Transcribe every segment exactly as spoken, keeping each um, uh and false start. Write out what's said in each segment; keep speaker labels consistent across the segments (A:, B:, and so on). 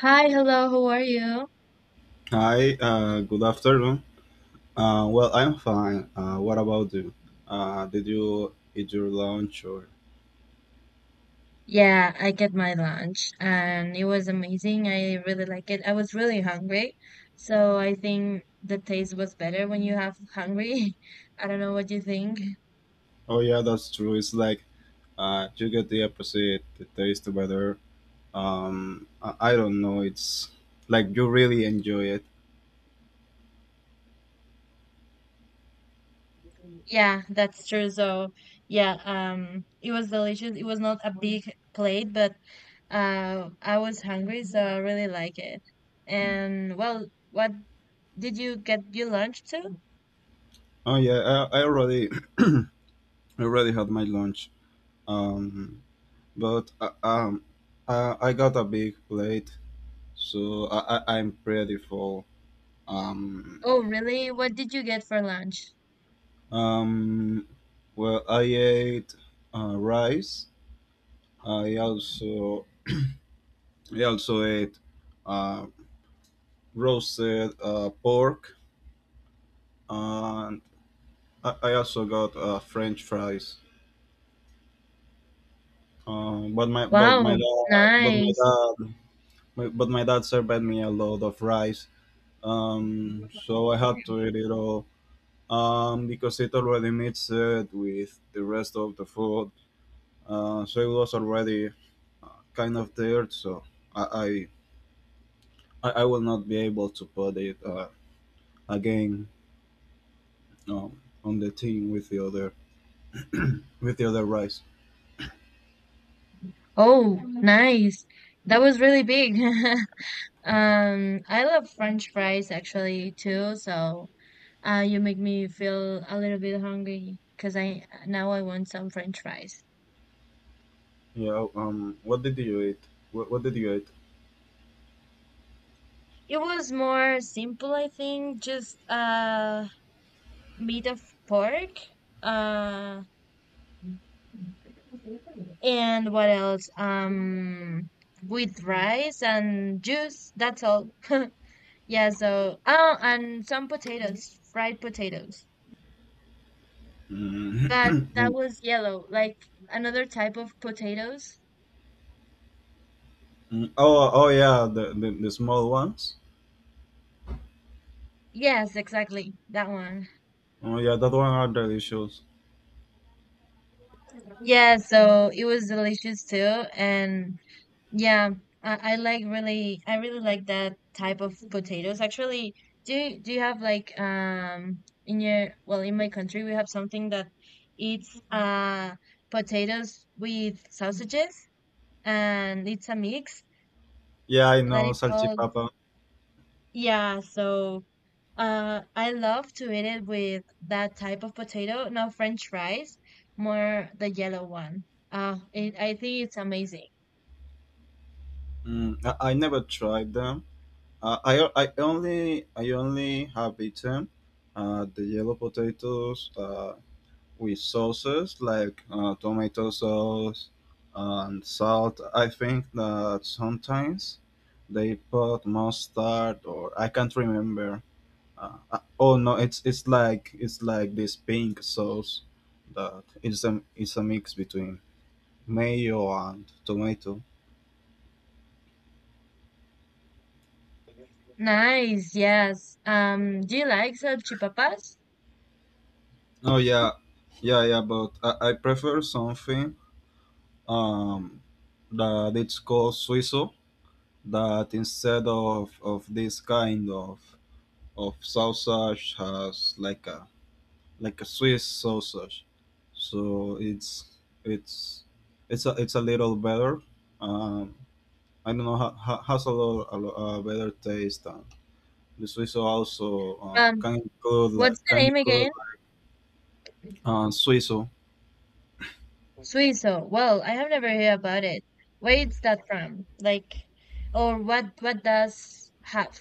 A: Hi, hello, how are you?
B: Hi, uh, good afternoon. Uh, well, I'm fine. Uh, what about you? Uh, did you eat your lunch or?
A: Yeah, I get my lunch and it was amazing. I really like it. I was really hungry, so I think the taste was better when you have hungry. I don't know what you think.
B: Oh yeah, that's true. It's like uh, you get the opposite. The taste better. Um, I, I don't know. It's like you really enjoy it.
A: Yeah, that's true. So, yeah, um it was delicious. It was not a big plate, but uh I was hungry, so I really like it. And well, what did you get your lunch too?
B: Oh yeah, I, I already, I already had my lunch. Um, but uh, um, uh, I got a big plate, so I, I I'm pretty full. Um,
A: Oh, really? What did you get for lunch?
B: Um, well, I ate uh, rice. I also I also ate uh, roasted uh, pork, and I, I also got uh, French fries. Um, but my but my
A: Wow,
B: dad but my
A: nice.
B: dad my, but my dad served me a lot of rice. Um, so I had to eat it all. Um, because it already mixed it with the rest of the food. Uh, so it was already kind of tired, so I I, I will not be able to put it uh, again um, on the team with the other with the other rice.
A: Oh, nice. That was really big. Um, I love French fries actually too, so uh you make me feel a little bit hungry because I now I want some French fries.
B: Yeah. Um. What did you eat? What, what did you eat?
A: It was more simple, I think, just uh meat of pork. Uh and what else? Um with rice and juice, that's all. Yeah, so oh, and some potatoes, fried potatoes.
B: Mm.
A: That that was yellow, like another type of potatoes.
B: Mm, oh. Oh yeah. The, the the small ones.
A: Yes, exactly. That one.
B: Oh yeah. That one are delicious.
A: Yeah, so it was delicious too. And yeah, I, I like really I really like that type of potatoes. Actually, do you do you have like um in your well in my country we have something that it's uh potatoes with sausages and it's a mix
B: Yeah. I
A: that
B: know
A: is called
B: salchipapa.
A: yeah, so Uh, I love to eat it with that type of potato, not French fries, more the yellow one. Uh, it, I think it's amazing.
B: Mm. I, I never tried them. Uh, I I only I only have eaten uh, the yellow potatoes. Uh, with sauces like uh, tomato sauce and salt. I think that sometimes they put mustard or I can't remember. Uh, uh, oh no, it's it's like it's like this pink sauce that is a is a mix between mayo and tomato.
A: Nice, yes. Um, do you like salchipapas?
B: Oh yeah, yeah, yeah. But I, I prefer something um that it's called suizo. That instead of of this kind of of sausage has like a like a Swiss sausage, so it's it's it's a, it's a little better. Um, I don't know, ha, ha, has a lot a, lot, uh, better taste. And the suizo also uh,
A: Um,
B: can include like
A: what's
B: can
A: the name
B: include
A: again?
B: uh, suizo.
A: Suizo. Well, I have never heard about it. Where's that from? Like, or what what does have?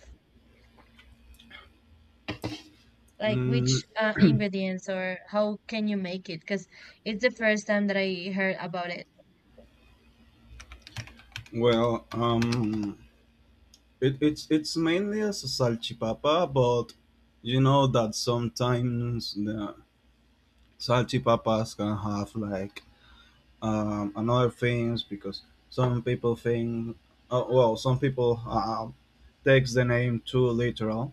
A: Like
B: Mm,
A: which uh, ingredients or how can you make it? Because it's the first time that I heard about it.
B: Well, um, it, it's it's mainly as a salchipapa, but you know that sometimes the salchipapas can have like um, and other things, because some people think, uh, well, some people uh, takes the name too literal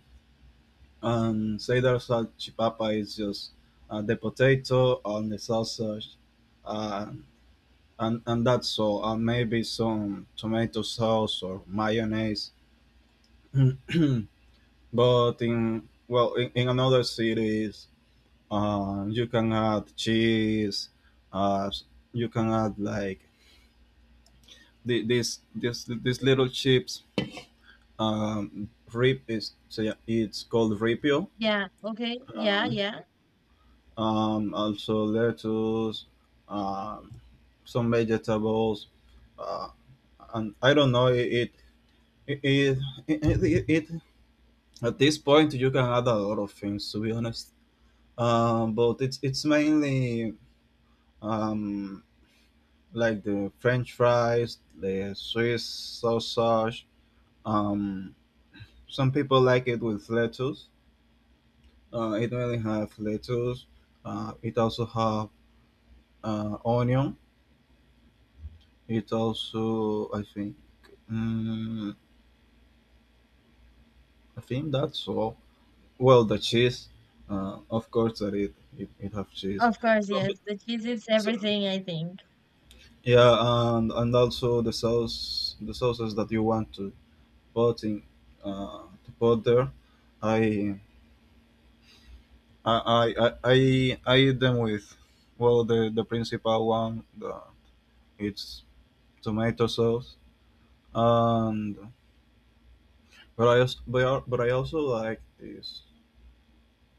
B: and say that salchipapa is just uh, the potato and the sausage, uh, and and that's all, and maybe some tomato sauce or mayonnaise. but in Well, in, in another cities, uh, you can add cheese. Uh, you can add like the, this this these little chips, um rip is so yeah, it's called ripio,
A: Yeah, okay. Yeah,
B: um,
A: yeah.
B: um, also lettuce, um some vegetables, uh and i don't know it it it, it, it, it At this point you can add a lot of things, to be honest. Um but it's it's mainly, um like, the French fries, the Swiss sausage. um some people like it with lettuce. Uh, it mainly have lettuce. Uh, it also have uh, onion. It also, I think, mm I think that's all. Well, the cheese, uh, of course, that it it, it have cheese.
A: Of course,
B: Some,
A: yes.
B: bit-
A: The cheese is
B: so,
A: everything, I think.
B: yeah, and and also the sauce, the sauces that you want to put in, uh, to put there. I I I I I I eat them with, well, the the principal one, the it's tomato sauce. And but I also but I, but I also like this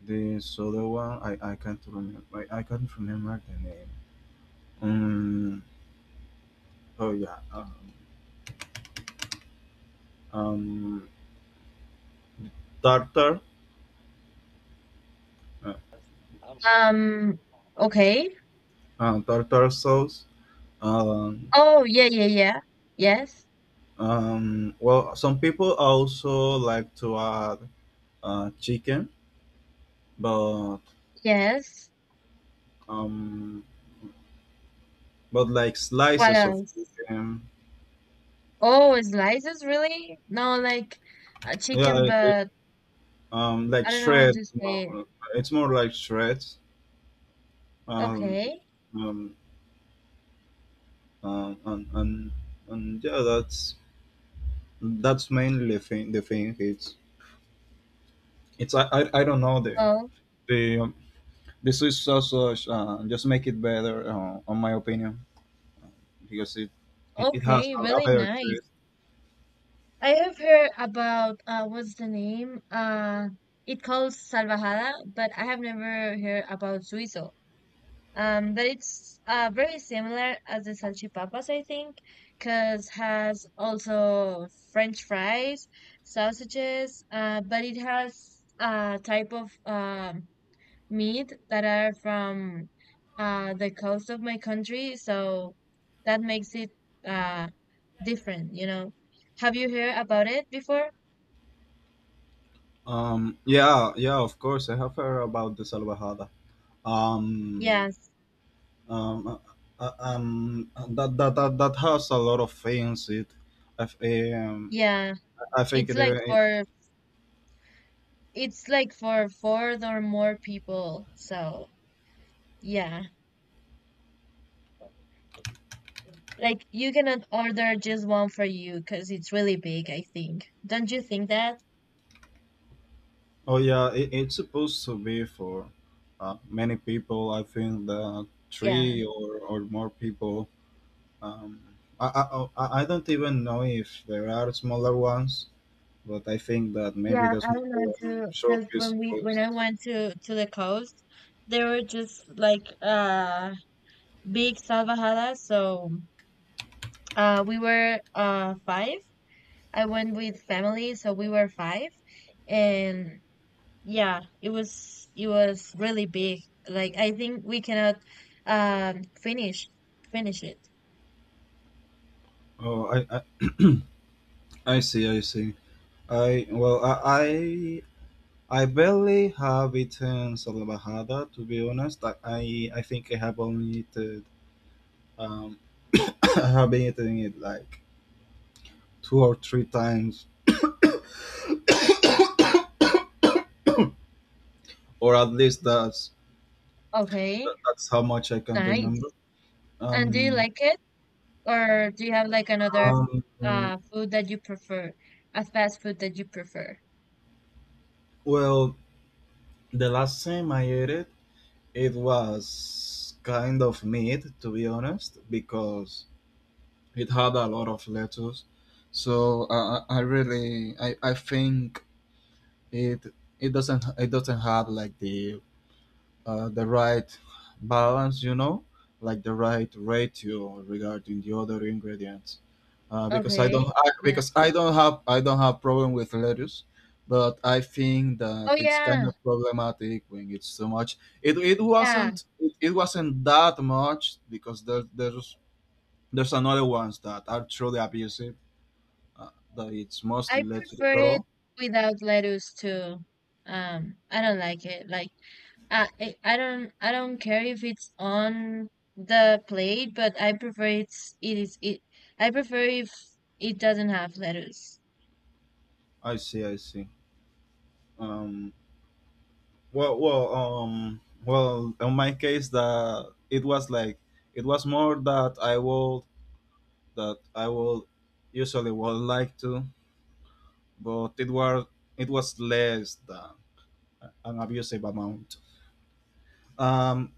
B: this other one. I I can't remember. I, I can't remember the name. Um. Oh yeah. Um. um Tartar. Uh,
A: Um, okay.
B: uh, Tartar sauce. Um.
A: Oh, yeah, yeah, yeah. Yes.
B: Um. Well, some people also like to add uh chicken, but
A: Yes.
B: um, but like
A: What
B: slices of
A: else?
B: chicken.
A: Oh, slices, really? No, like uh,
B: Yeah.
A: chicken,
B: It, it-
A: but
B: um. Like
A: I don't know how
B: shreds.
A: to say it.
B: More. It's more like shreds. Um,
A: Okay.
B: um, uh, and and and Yeah, that's that's mainly the thing. The thing, it's it's I, I, I don't know, the
A: Well,
B: the um, this is also uh, just make it better, uh, on my opinion, because it it, it has
A: okay,
B: a, a
A: really
B: better
A: nice.
B: taste.
A: I have heard about uh what's the name? Uh it calls Salvajada, but I have never heard about Suizo. Um, but it's uh very similar as the salchipapas, I think, because has also French fries, sausages, uh but it has a type of um meat that are from uh the coast of my country, so that makes it uh different, you know. Have you heard about it before?
B: Um, yeah, yeah, of course I have heard about the salvajada. Um,
A: Yes.
B: um, uh, uh, um, that that that that has a lot of things. It, I, um,
A: Yeah.
B: I think
A: It's like
B: they—
A: for it's like for four or more people. So, yeah. Like you cannot order just one for you because it's really big, I think. Don't you think that?
B: Oh yeah, it, it's supposed to be for uh, many people. I think the
A: Yeah.
B: three or, or more people. Um, I, I Oh, I I don't even know if there are smaller ones, but I think that maybe
A: Yeah,
B: the
A: I don't
B: smaller
A: know
B: one
A: too,
B: should
A: because
B: be
A: when we when
B: supposed.
A: I went to to the coast, there were just like uh big salvajadas. So uh we were uh five. I went with family, so we were five. And yeah, it was it was really big, like I think we cannot um finish finish it.
B: Oh, I I, I see, I see. I Well, I I, I barely have eaten salvajada, to be honest. I I, I think I have only eaten um I have been eating it like two or three times or at least that's
A: Okay.
B: that- that's how much I can remember.
A: Nice. And do you
B: Um,
A: like it or do you have like another
B: um,
A: uh food that you prefer, a fast food that you prefer?
B: well, the last time I ate it, it was kind of meat, to be honest, because it had a lot of lettuce. So I, I I really, I, I think it it doesn't it doesn't have like the uh, the right balance, you know, like the right ratio regarding the other ingredients. Uh, because I don't,
A: Okay.
B: I,
A: Yeah.
B: because I don't have, I don't have problem with lettuce, but I think that
A: Oh
B: it's kind
A: yeah.
B: of problematic when it's so much. It, it
A: Yeah,
B: wasn't, it, it wasn't that much, because there, there's, there's another ones that are truly abusive. Uh, that it's mostly
A: I
B: lettuce
A: prefer
B: at
A: it
B: all.
A: without lettuce too. um I don't like it like I I I don't I don't care if it's on the plate, but I prefer it's it is it. I prefer if it doesn't have lettuce.
B: I see, I see. Um, Well, well, um, well. In my case, the it was like— it was more that I would that I would usually would like to, but it was it was less than an abusive amount. Um,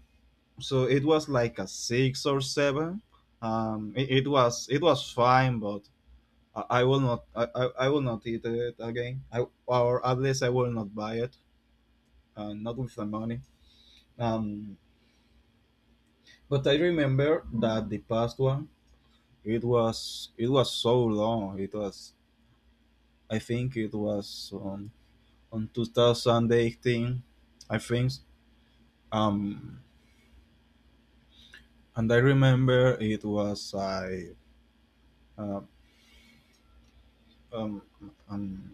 B: so it was like a six or seven. Um, it, it was it was fine, but I, I will not I, I, I will not eat it again. I or at least I will not buy it, uh, not with the money. Um, But I remember that the past one, it was— it was so long. It was I think it was on on twenty eighteen, I think. Um, and I remember it was I— uh, um, um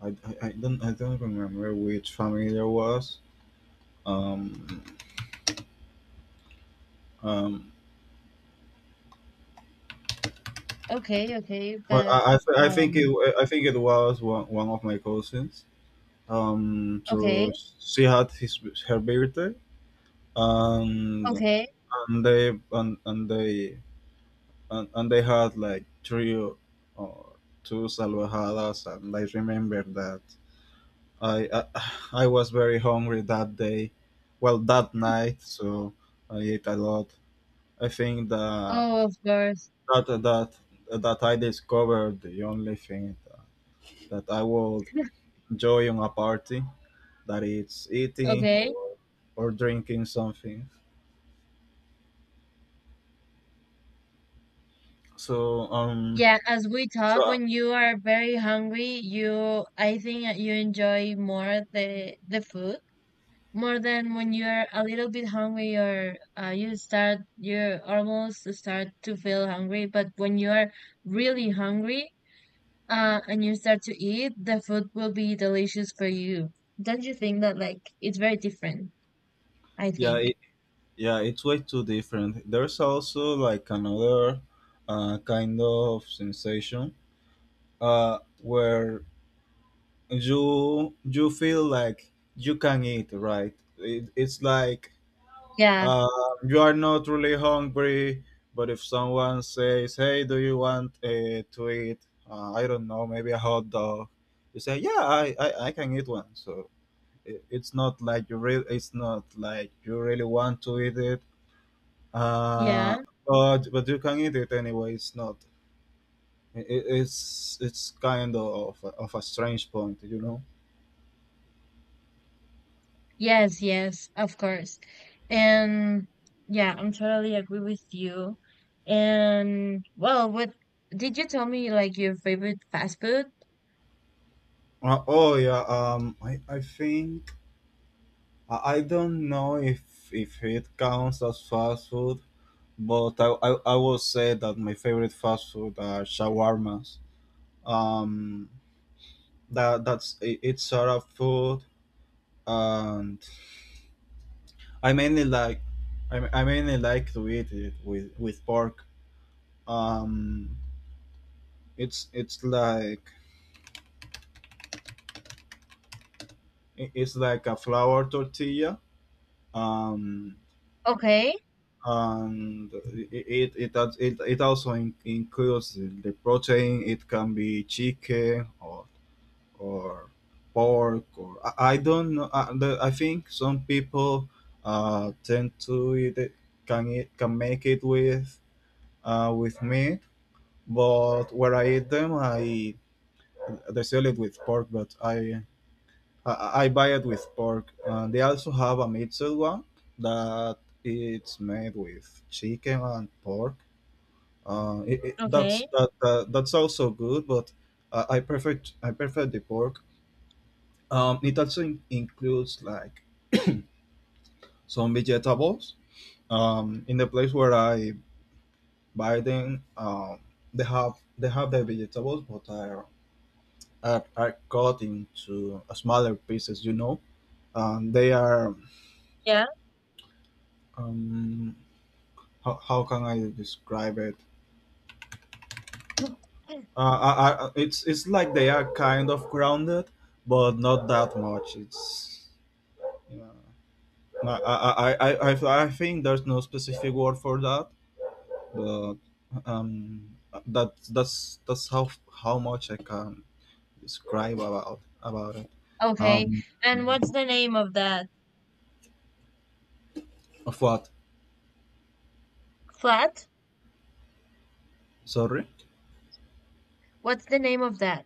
B: I, I, I don't I don't remember which family there was. Um, um,
A: Okay, okay,
B: but
A: but
B: I, I, th- I think it
A: um,
B: I think it was one, one of my cousins. Um,
A: okay,
B: so she had his her birthday, and—
A: okay.
B: and they and, and they and, and they had like three or two salvajadas. And I remember that I, I i was very hungry that day, well, that night, so I ate a lot. I think that
A: Oh, of course.
B: that that that I discovered the only thing that— that I would enjoy on a party, that it's eating
A: Okay.
B: or or drinking something, so um
A: Yeah, as we talk,
B: So
A: when you are very hungry, you I think that you enjoy more the the food, more than when you're a little bit hungry or uh, you start you almost start to feel hungry, but when you're really hungry uh, and you start to eat, the food will be delicious for you. Don't you think that? Like it's very different, I
B: yeah,
A: think.
B: yeah, it's way too different. There's also like another uh, kind of sensation, uh, where you you feel like you can eat right, it, it's like,
A: Yeah,
B: uh, you are not really hungry, but if someone says, hey, do you want uh, to eat, uh, I don't know, maybe a hot dog, you say, yeah, i, I, I can eat one, so it, it's not like you really it's not like you really want to eat it.
A: yeah.
B: Uh, but but you can eat it anyway. It's not. i- it's it's kind of of a strange point, you know.
A: Yes, yes, of course. And yeah, I'm totally agree with you. And well, what did you tell me, like your favorite fast food?
B: Uh, oh yeah. Um, I I think I, I don't know if if it counts as fast food, but I, I I will say that my favorite fast food are shawarmas. Um, that that's it, it's Arab food, and I mainly like I, I mainly like to eat it with with pork. Um It's it's like it's like a flour tortilla, um,
A: Okay,
B: and I- it it it, it also in, includes the protein. It can be chicken or or pork, or I, I don't know. I, the, I think some people uh tend to eat it, can eat can make it with uh with meat, but where I eat them, I they sell it with pork, but I Uh, I, I buy it with pork. And they also have a mixed one that it's made with chicken and pork. Uh, it, it, that's
A: okay.
B: that, that that's also good, but uh, I prefer ch- I prefer the pork. Um, it also in- includes like some vegetables. Um, in the place where I buy them, um, they have they have the vegetables, but are are, are cut into smaller pieces. You know. And they are.
A: Yeah.
B: Um, how, how can I describe it? Uh, I, I, it's it's like they are kind of grounded, but not that much. It's, you know, I, I, I, I, I I think there's no specific word for that, but um, that that's that's how how much I can describe about about it.
A: Okay.
B: Um,
A: And what's the name of that?
B: of what?
A: Flat?
B: Sorry.
A: What's the name of that?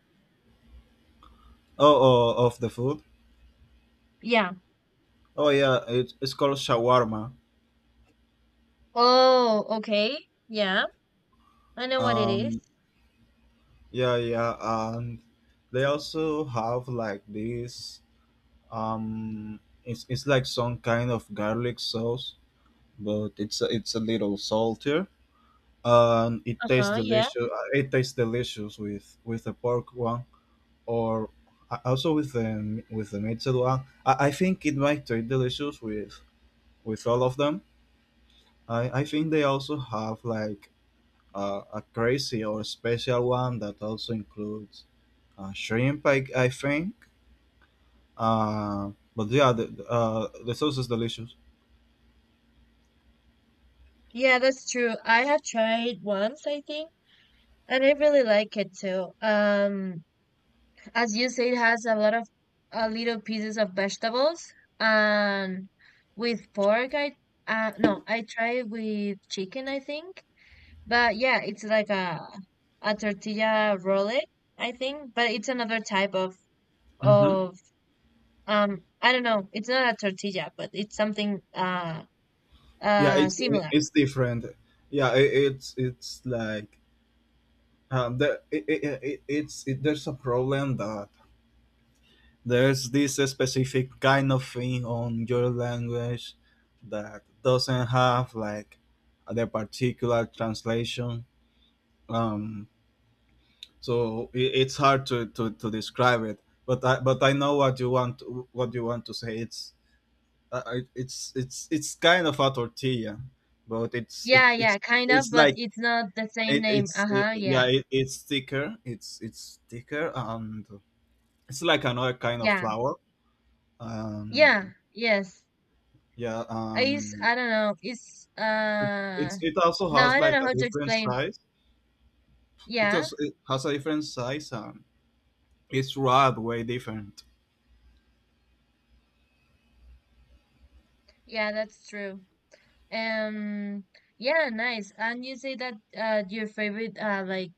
B: Oh, oh, of the food.
A: Yeah.
B: Oh yeah, it, it's called shawarma.
A: Oh, okay. Yeah. I know what it is.
B: Um, Yeah, yeah, and they also have like this. Um, it's it's like some kind of garlic sauce, but it's a, it's a little saltier, and it tastes
A: Uh-huh. Yeah.
B: delicious. uh, It tastes delicious with with the pork one, or a- also with the m- with the meat one. I, I think it might taste delicious with with all of them. I I think they also have like uh, a crazy or special one that also includes uh, shrimp, I, I think. Uh, but yeah, the, the, uh, the sauce is delicious.
A: Yeah, that's true. I have tried once, I think, and I really like it too. Um, as you say, it has a lot of uh, little pieces of vegetables and with pork, I uh no, I tried with chicken, I think. But yeah, it's like a a tortilla roll, I think, but it's another type of
B: hmm
A: of um I don't know. It's not a tortilla, but it's something uh
B: Yeah,
A: uh
B: it's it-
A: similar.
B: it's different. Yeah, it, it's it's like um, the, it, it, it, it's it, there's a problem that there's this specific kind of thing on your language that doesn't have like the particular translation. Um, so i- it's hard to, to, to describe it, but I, but I know what you want, what you want to say it's I, I- it's it's it's kind of a tortilla, but it's it,
A: Yeah,
B: it's
A: yeah, kind of,
B: it's
A: but
B: like
A: it's not the same
B: it,
A: name.
B: it's it,
A: Uh-huh,
B: yeah,
A: yeah.
B: it, it's thicker, it's it's thicker, and it's like another kind of
A: Yeah.
B: flour. And
A: Yeah, yes.
B: yeah,
A: I use
B: um
A: I don't know. It's
B: it,
A: uh
B: it's it also
A: no,
B: has
A: I don't
B: like
A: know how
B: a
A: to
B: different
A: explain.
B: size. It
A: Yeah.
B: also it has a different size, and it's rather way different.
A: Yeah, that's true. Um yeah, nice. And you say that uh your favorite uh like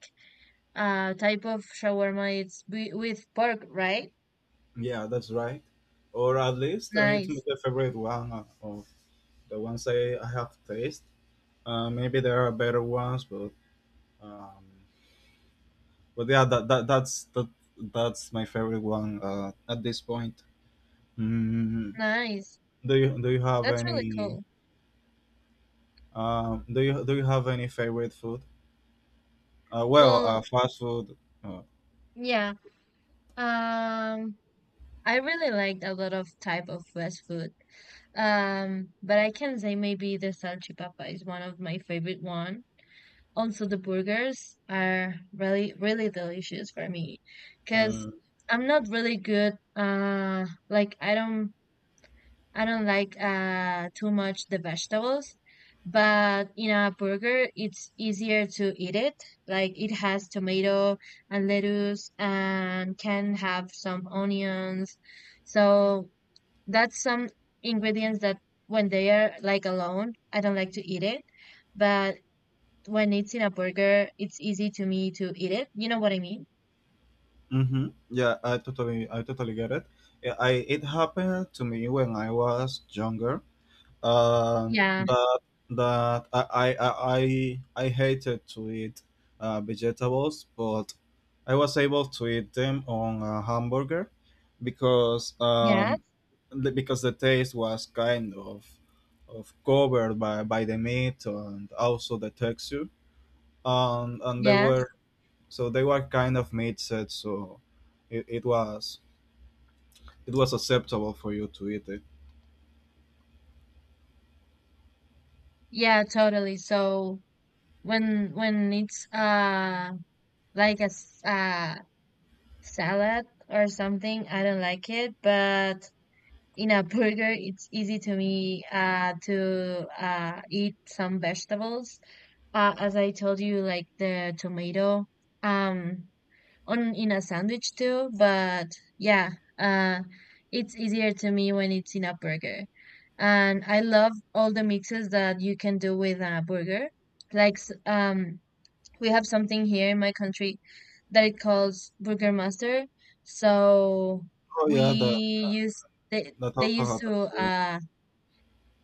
A: uh type of shawarma it's wi- with pork, right?
B: Yeah, that's right. Or at least uh, it's my
A: Nice.
B: favorite one of of the ones I, I have tasted. Uh, maybe there are better ones, but um, but yeah, that, that that's that, that's my favorite one, uh, at this point. Mm,
A: Nice,
B: do you do you have
A: that's really
B: any
A: cool.
B: um, do you do you have any favorite food? Uh, well, uh,
A: Well,
B: fast food. Uh,
A: yeah, um I really liked a lot of type of fast food. um but I can say maybe the salchipapa is one of my favorite one. Also the burgers are really really delicious for me, because
B: mm-hmm.
A: I'm not really good uh like i don't I don't like uh too much the vegetables, but in a burger it's easier to eat it. Like it has tomato and lettuce and can have some onions. So that's some ingredients that when they are like alone, I don't like to eat it. But when it's in a burger, it's easy to me to eat it. You know what I mean?
B: Yeah, I totally I totally get it. Yeah, I it happened to me when I was younger. Um
A: Yeah.
B: that that I I I I I hated to eat uh, vegetables, but I was able to eat them on a hamburger because
A: Yes.
B: um the- because the taste was kind of of covered by, by the meat, and also the texture. And and they were
A: Yes.
B: so they were kind of mixed, so it, it was it was acceptable for you to eat it.
A: Yeah, totally. So when when it's uh like a s- uh, salad or something. I don't like it, but in a burger, it's easy to me uh, to uh, eat some vegetables. Uh, as I told you, like the tomato um, on in a sandwich too. But yeah, uh, it's easier to me when it's in a burger. And I love all the mixes that you can do with a burger. Like s- um, we have something here in my country that it calls Burgermaster. So
B: Oh
A: we
B: yeah, that
A: use they
B: that
A: they
B: also
A: used to
B: happens here.
A: uh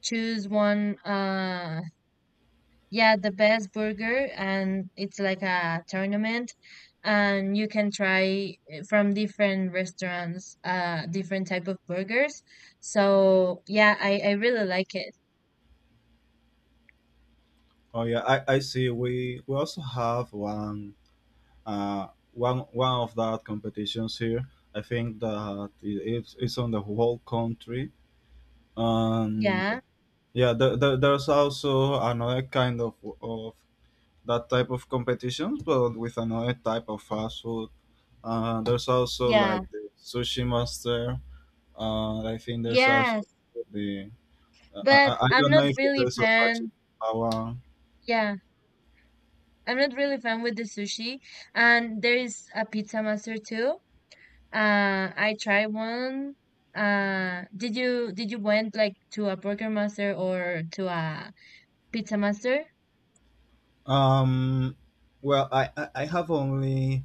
A: choose one uh yeah, the best burger, and it's like a tournament, and you can try uh, from different restaurants uh different type of burgers. So yeah, I I really like it.
B: Oh yeah, I, I see. We we also have one, uh one one of that competitions here. I think that it, it's it's on the whole country, and
A: Yeah.
B: yeah, there, there, there's also another kind of of that type of competitions, but with another type of fast food. Uh, there's also
A: Yeah.
B: like the sushi master. Uh, I think there's also
A: Yes.
B: the, uh, I, I
A: But
B: I
A: I'm
B: don't know
A: not
B: if
A: really
B: there's a such in
A: fan.
B: Palau.
A: Yeah. I'm not really fan with the sushi, and there is a pizza master too. Uh, I tried one. Uh, did you did you went like to a burger master or to a pizza master?
B: Um, well, I, I I have only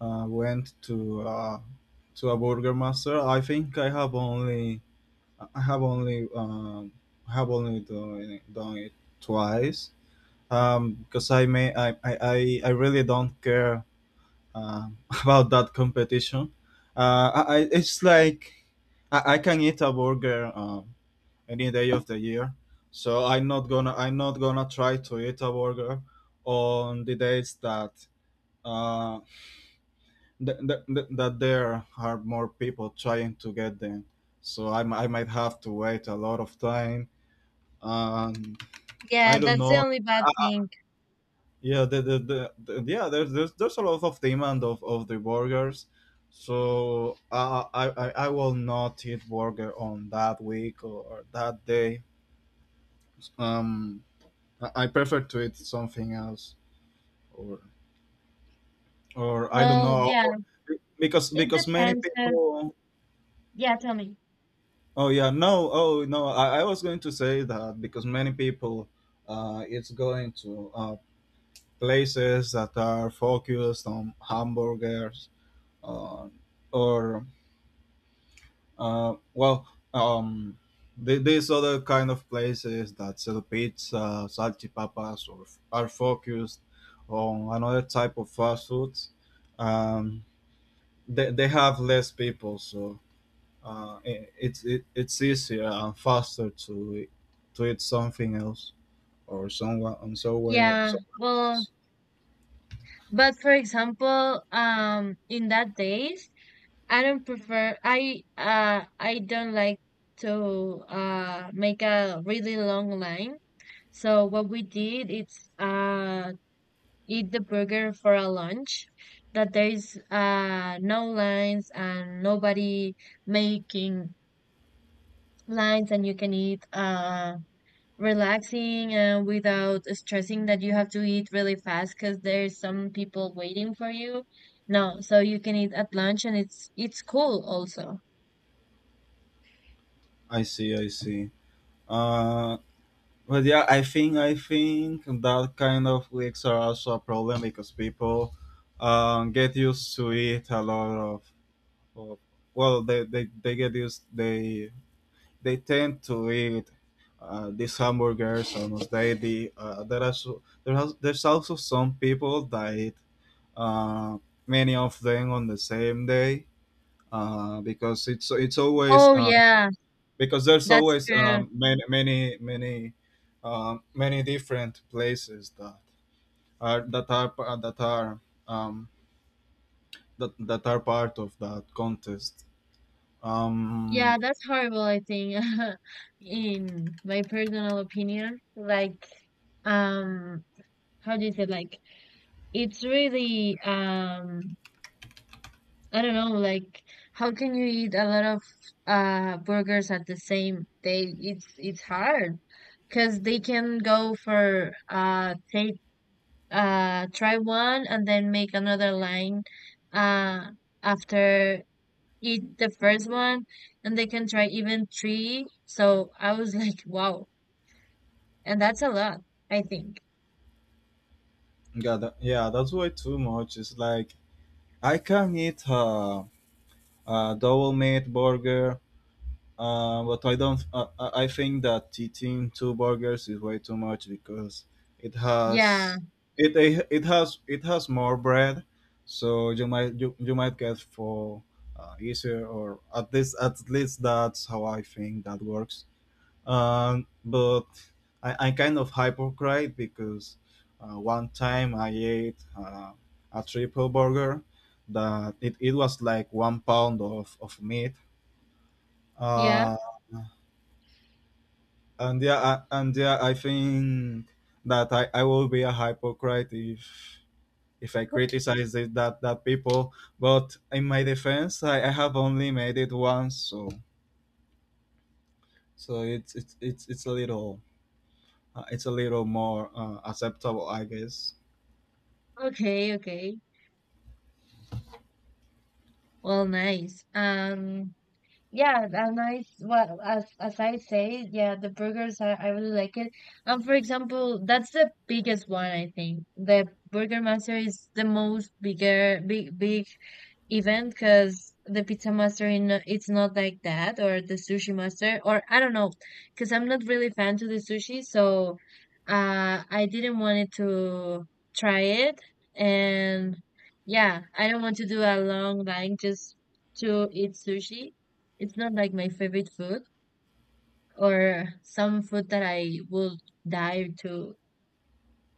B: uh, went to uh, to a Burger Master. I think I have only I have only um, I have only done it, done it twice. Um, because I may I, I, I I really don't care um about that competition. Uh, I, I it's like I, I can eat a burger Uh, any day of the year. So I'm not gonna I'm not gonna try to eat a burger on the days that uh, th- th- th- that there are more people trying to get them. So I, mi- I might have to wait a lot of time. And
A: Yeah,
B: I don't
A: that's the
B: know.
A: only bad thing.
B: Yeah, the, the, the, the- yeah, There's, there's there's a lot of demand of, of the burgers. So I, I I I will not eat burger on that week or that day. Um, I I prefer to eat something else, or or I don't
A: Well,
B: know,
A: yeah,
B: or- because
A: it
B: because many
A: depends. 'Cause-
B: people.
A: yeah, tell me.
B: Oh yeah, no, oh no. I, I was going to say that because many people, uh, it's going to, uh, places that are focused on hamburgers, uh, or uh, well, um, th- these other kind of places that sell pizza, salchipapas, or f- are focused on another type of fast foods. Um, they, they have less people, so uh, it, it's it, it's easier and faster to to eat something else or someone and somewhere
A: Yeah,
B: somewhere
A: well,
B: else.
A: but for example, um, in that days, I don't prefer. I uh, I don't like to uh make a really long line. So what we did is uh eat the burger for a lunch. That there is uh no lines and nobody making lines, and you can eat uh relaxing and without stressing that you have to eat really fast because there's some people waiting for you. No, so you can eat at lunch and it's it's cool also.
B: I see, I see. Uh, but yeah, I think I think that kind of leaks are also a problem because people um, get used to eat a lot of, of well, they, they, they get used, they they tend to eat uh, these hamburgers almost daily. Uh, there are so, there has, there's also some people that eat uh, many of them on the same day, uh, because it's it's always
A: Oh
B: uh,
A: yeah,
B: because there's
A: that's
B: always
A: true.
B: um, many many many um, many different places that are that are that are um, that, that are part of that contest.
A: Yeah,
B: Um,
A: that's horrible, I think, in my personal opinion. Like um how do you say, like it's really um I don't know, like how can you eat a lot of uh burgers at the same day? it's it's hard, because they can go for uh take uh try one and then make another line uh after eat the first one, and they can try even three. So I was like wow, and that's a lot, I think.
B: yeah, that, yeah, that's why too much. It's like I can eat uh, a double meat burger, uh, but I don't. Uh, I I think that eating two burgers is way too much because it
A: Yeah,
B: has it it has it has more bread, so you might you, you might get for uh, easier, or at least at least that's how I think that works. Um, but I, I'm kind of hypocrite because uh, one time I ate uh, a triple burger that it, it was like one pound of, of meat.
A: yeah.
B: Uh, and yeah, I, and yeah, I think that I, I will be a hypocrite if if I criticize it, that that people. But in my defense, I, I have only made it once, so so it's it's it's, it's a little, uh, it's a little more, uh, acceptable, I guess.
A: Okay, okay. Well, nice. Um, yeah, and I well, as as I say, yeah, the burgers I, I really like it. And for example, that's the biggest one, I think. The Burger Master is the most bigger big big event, because the Pizza Master in it's not like that, or the Sushi Master, or I don't know, because I'm not really fan to the sushi, so uh I didn't want it to try it. And yeah, I don't want to do a long line just to eat sushi. It's not like my favorite food or some food that I would die to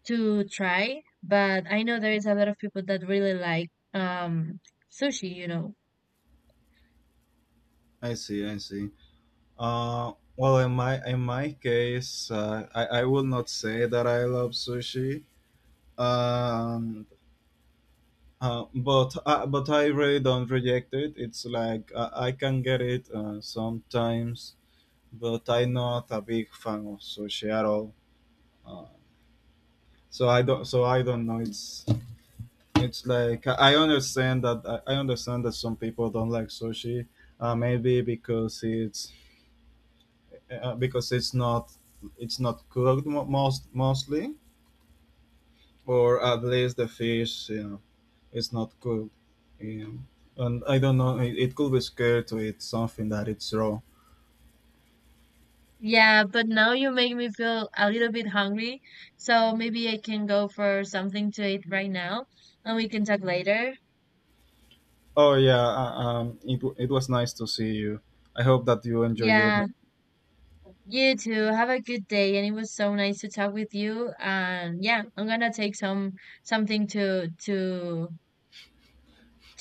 A: to try, but I know there is a lot of people that really like um sushi, you know.
B: I see, I see. Uh, well, in my in my case, uh, I I will not say that I love sushi. Um, uh, but uh, but I really don't reject it. It's like, uh, I can get it, uh, sometimes, but I'm not a big fan of sushi at all. Uh, so I don't, so I don't know. It's it's like I I understand that I I understand that some people don't like sushi. Uh, maybe because it's, uh, because it's not, it's not cooked most mostly, or at least the fish, you know, it's not cooked. Um, and I don't know. It, it could be scared to eat something that it's raw.
A: Yeah, but now you make me feel a little bit hungry, so maybe I can go for something to eat right now and we can talk later.
B: Oh yeah, uh, um, it w- it was nice to see you. I hope that you enjoy your
A: Yeah,
B: meal.
A: you too. Have a good day, and it was so nice to talk with you. And yeah, I'm gonna take some something to to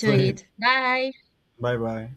B: To it.
A: eat. Bye.
B: Bye bye.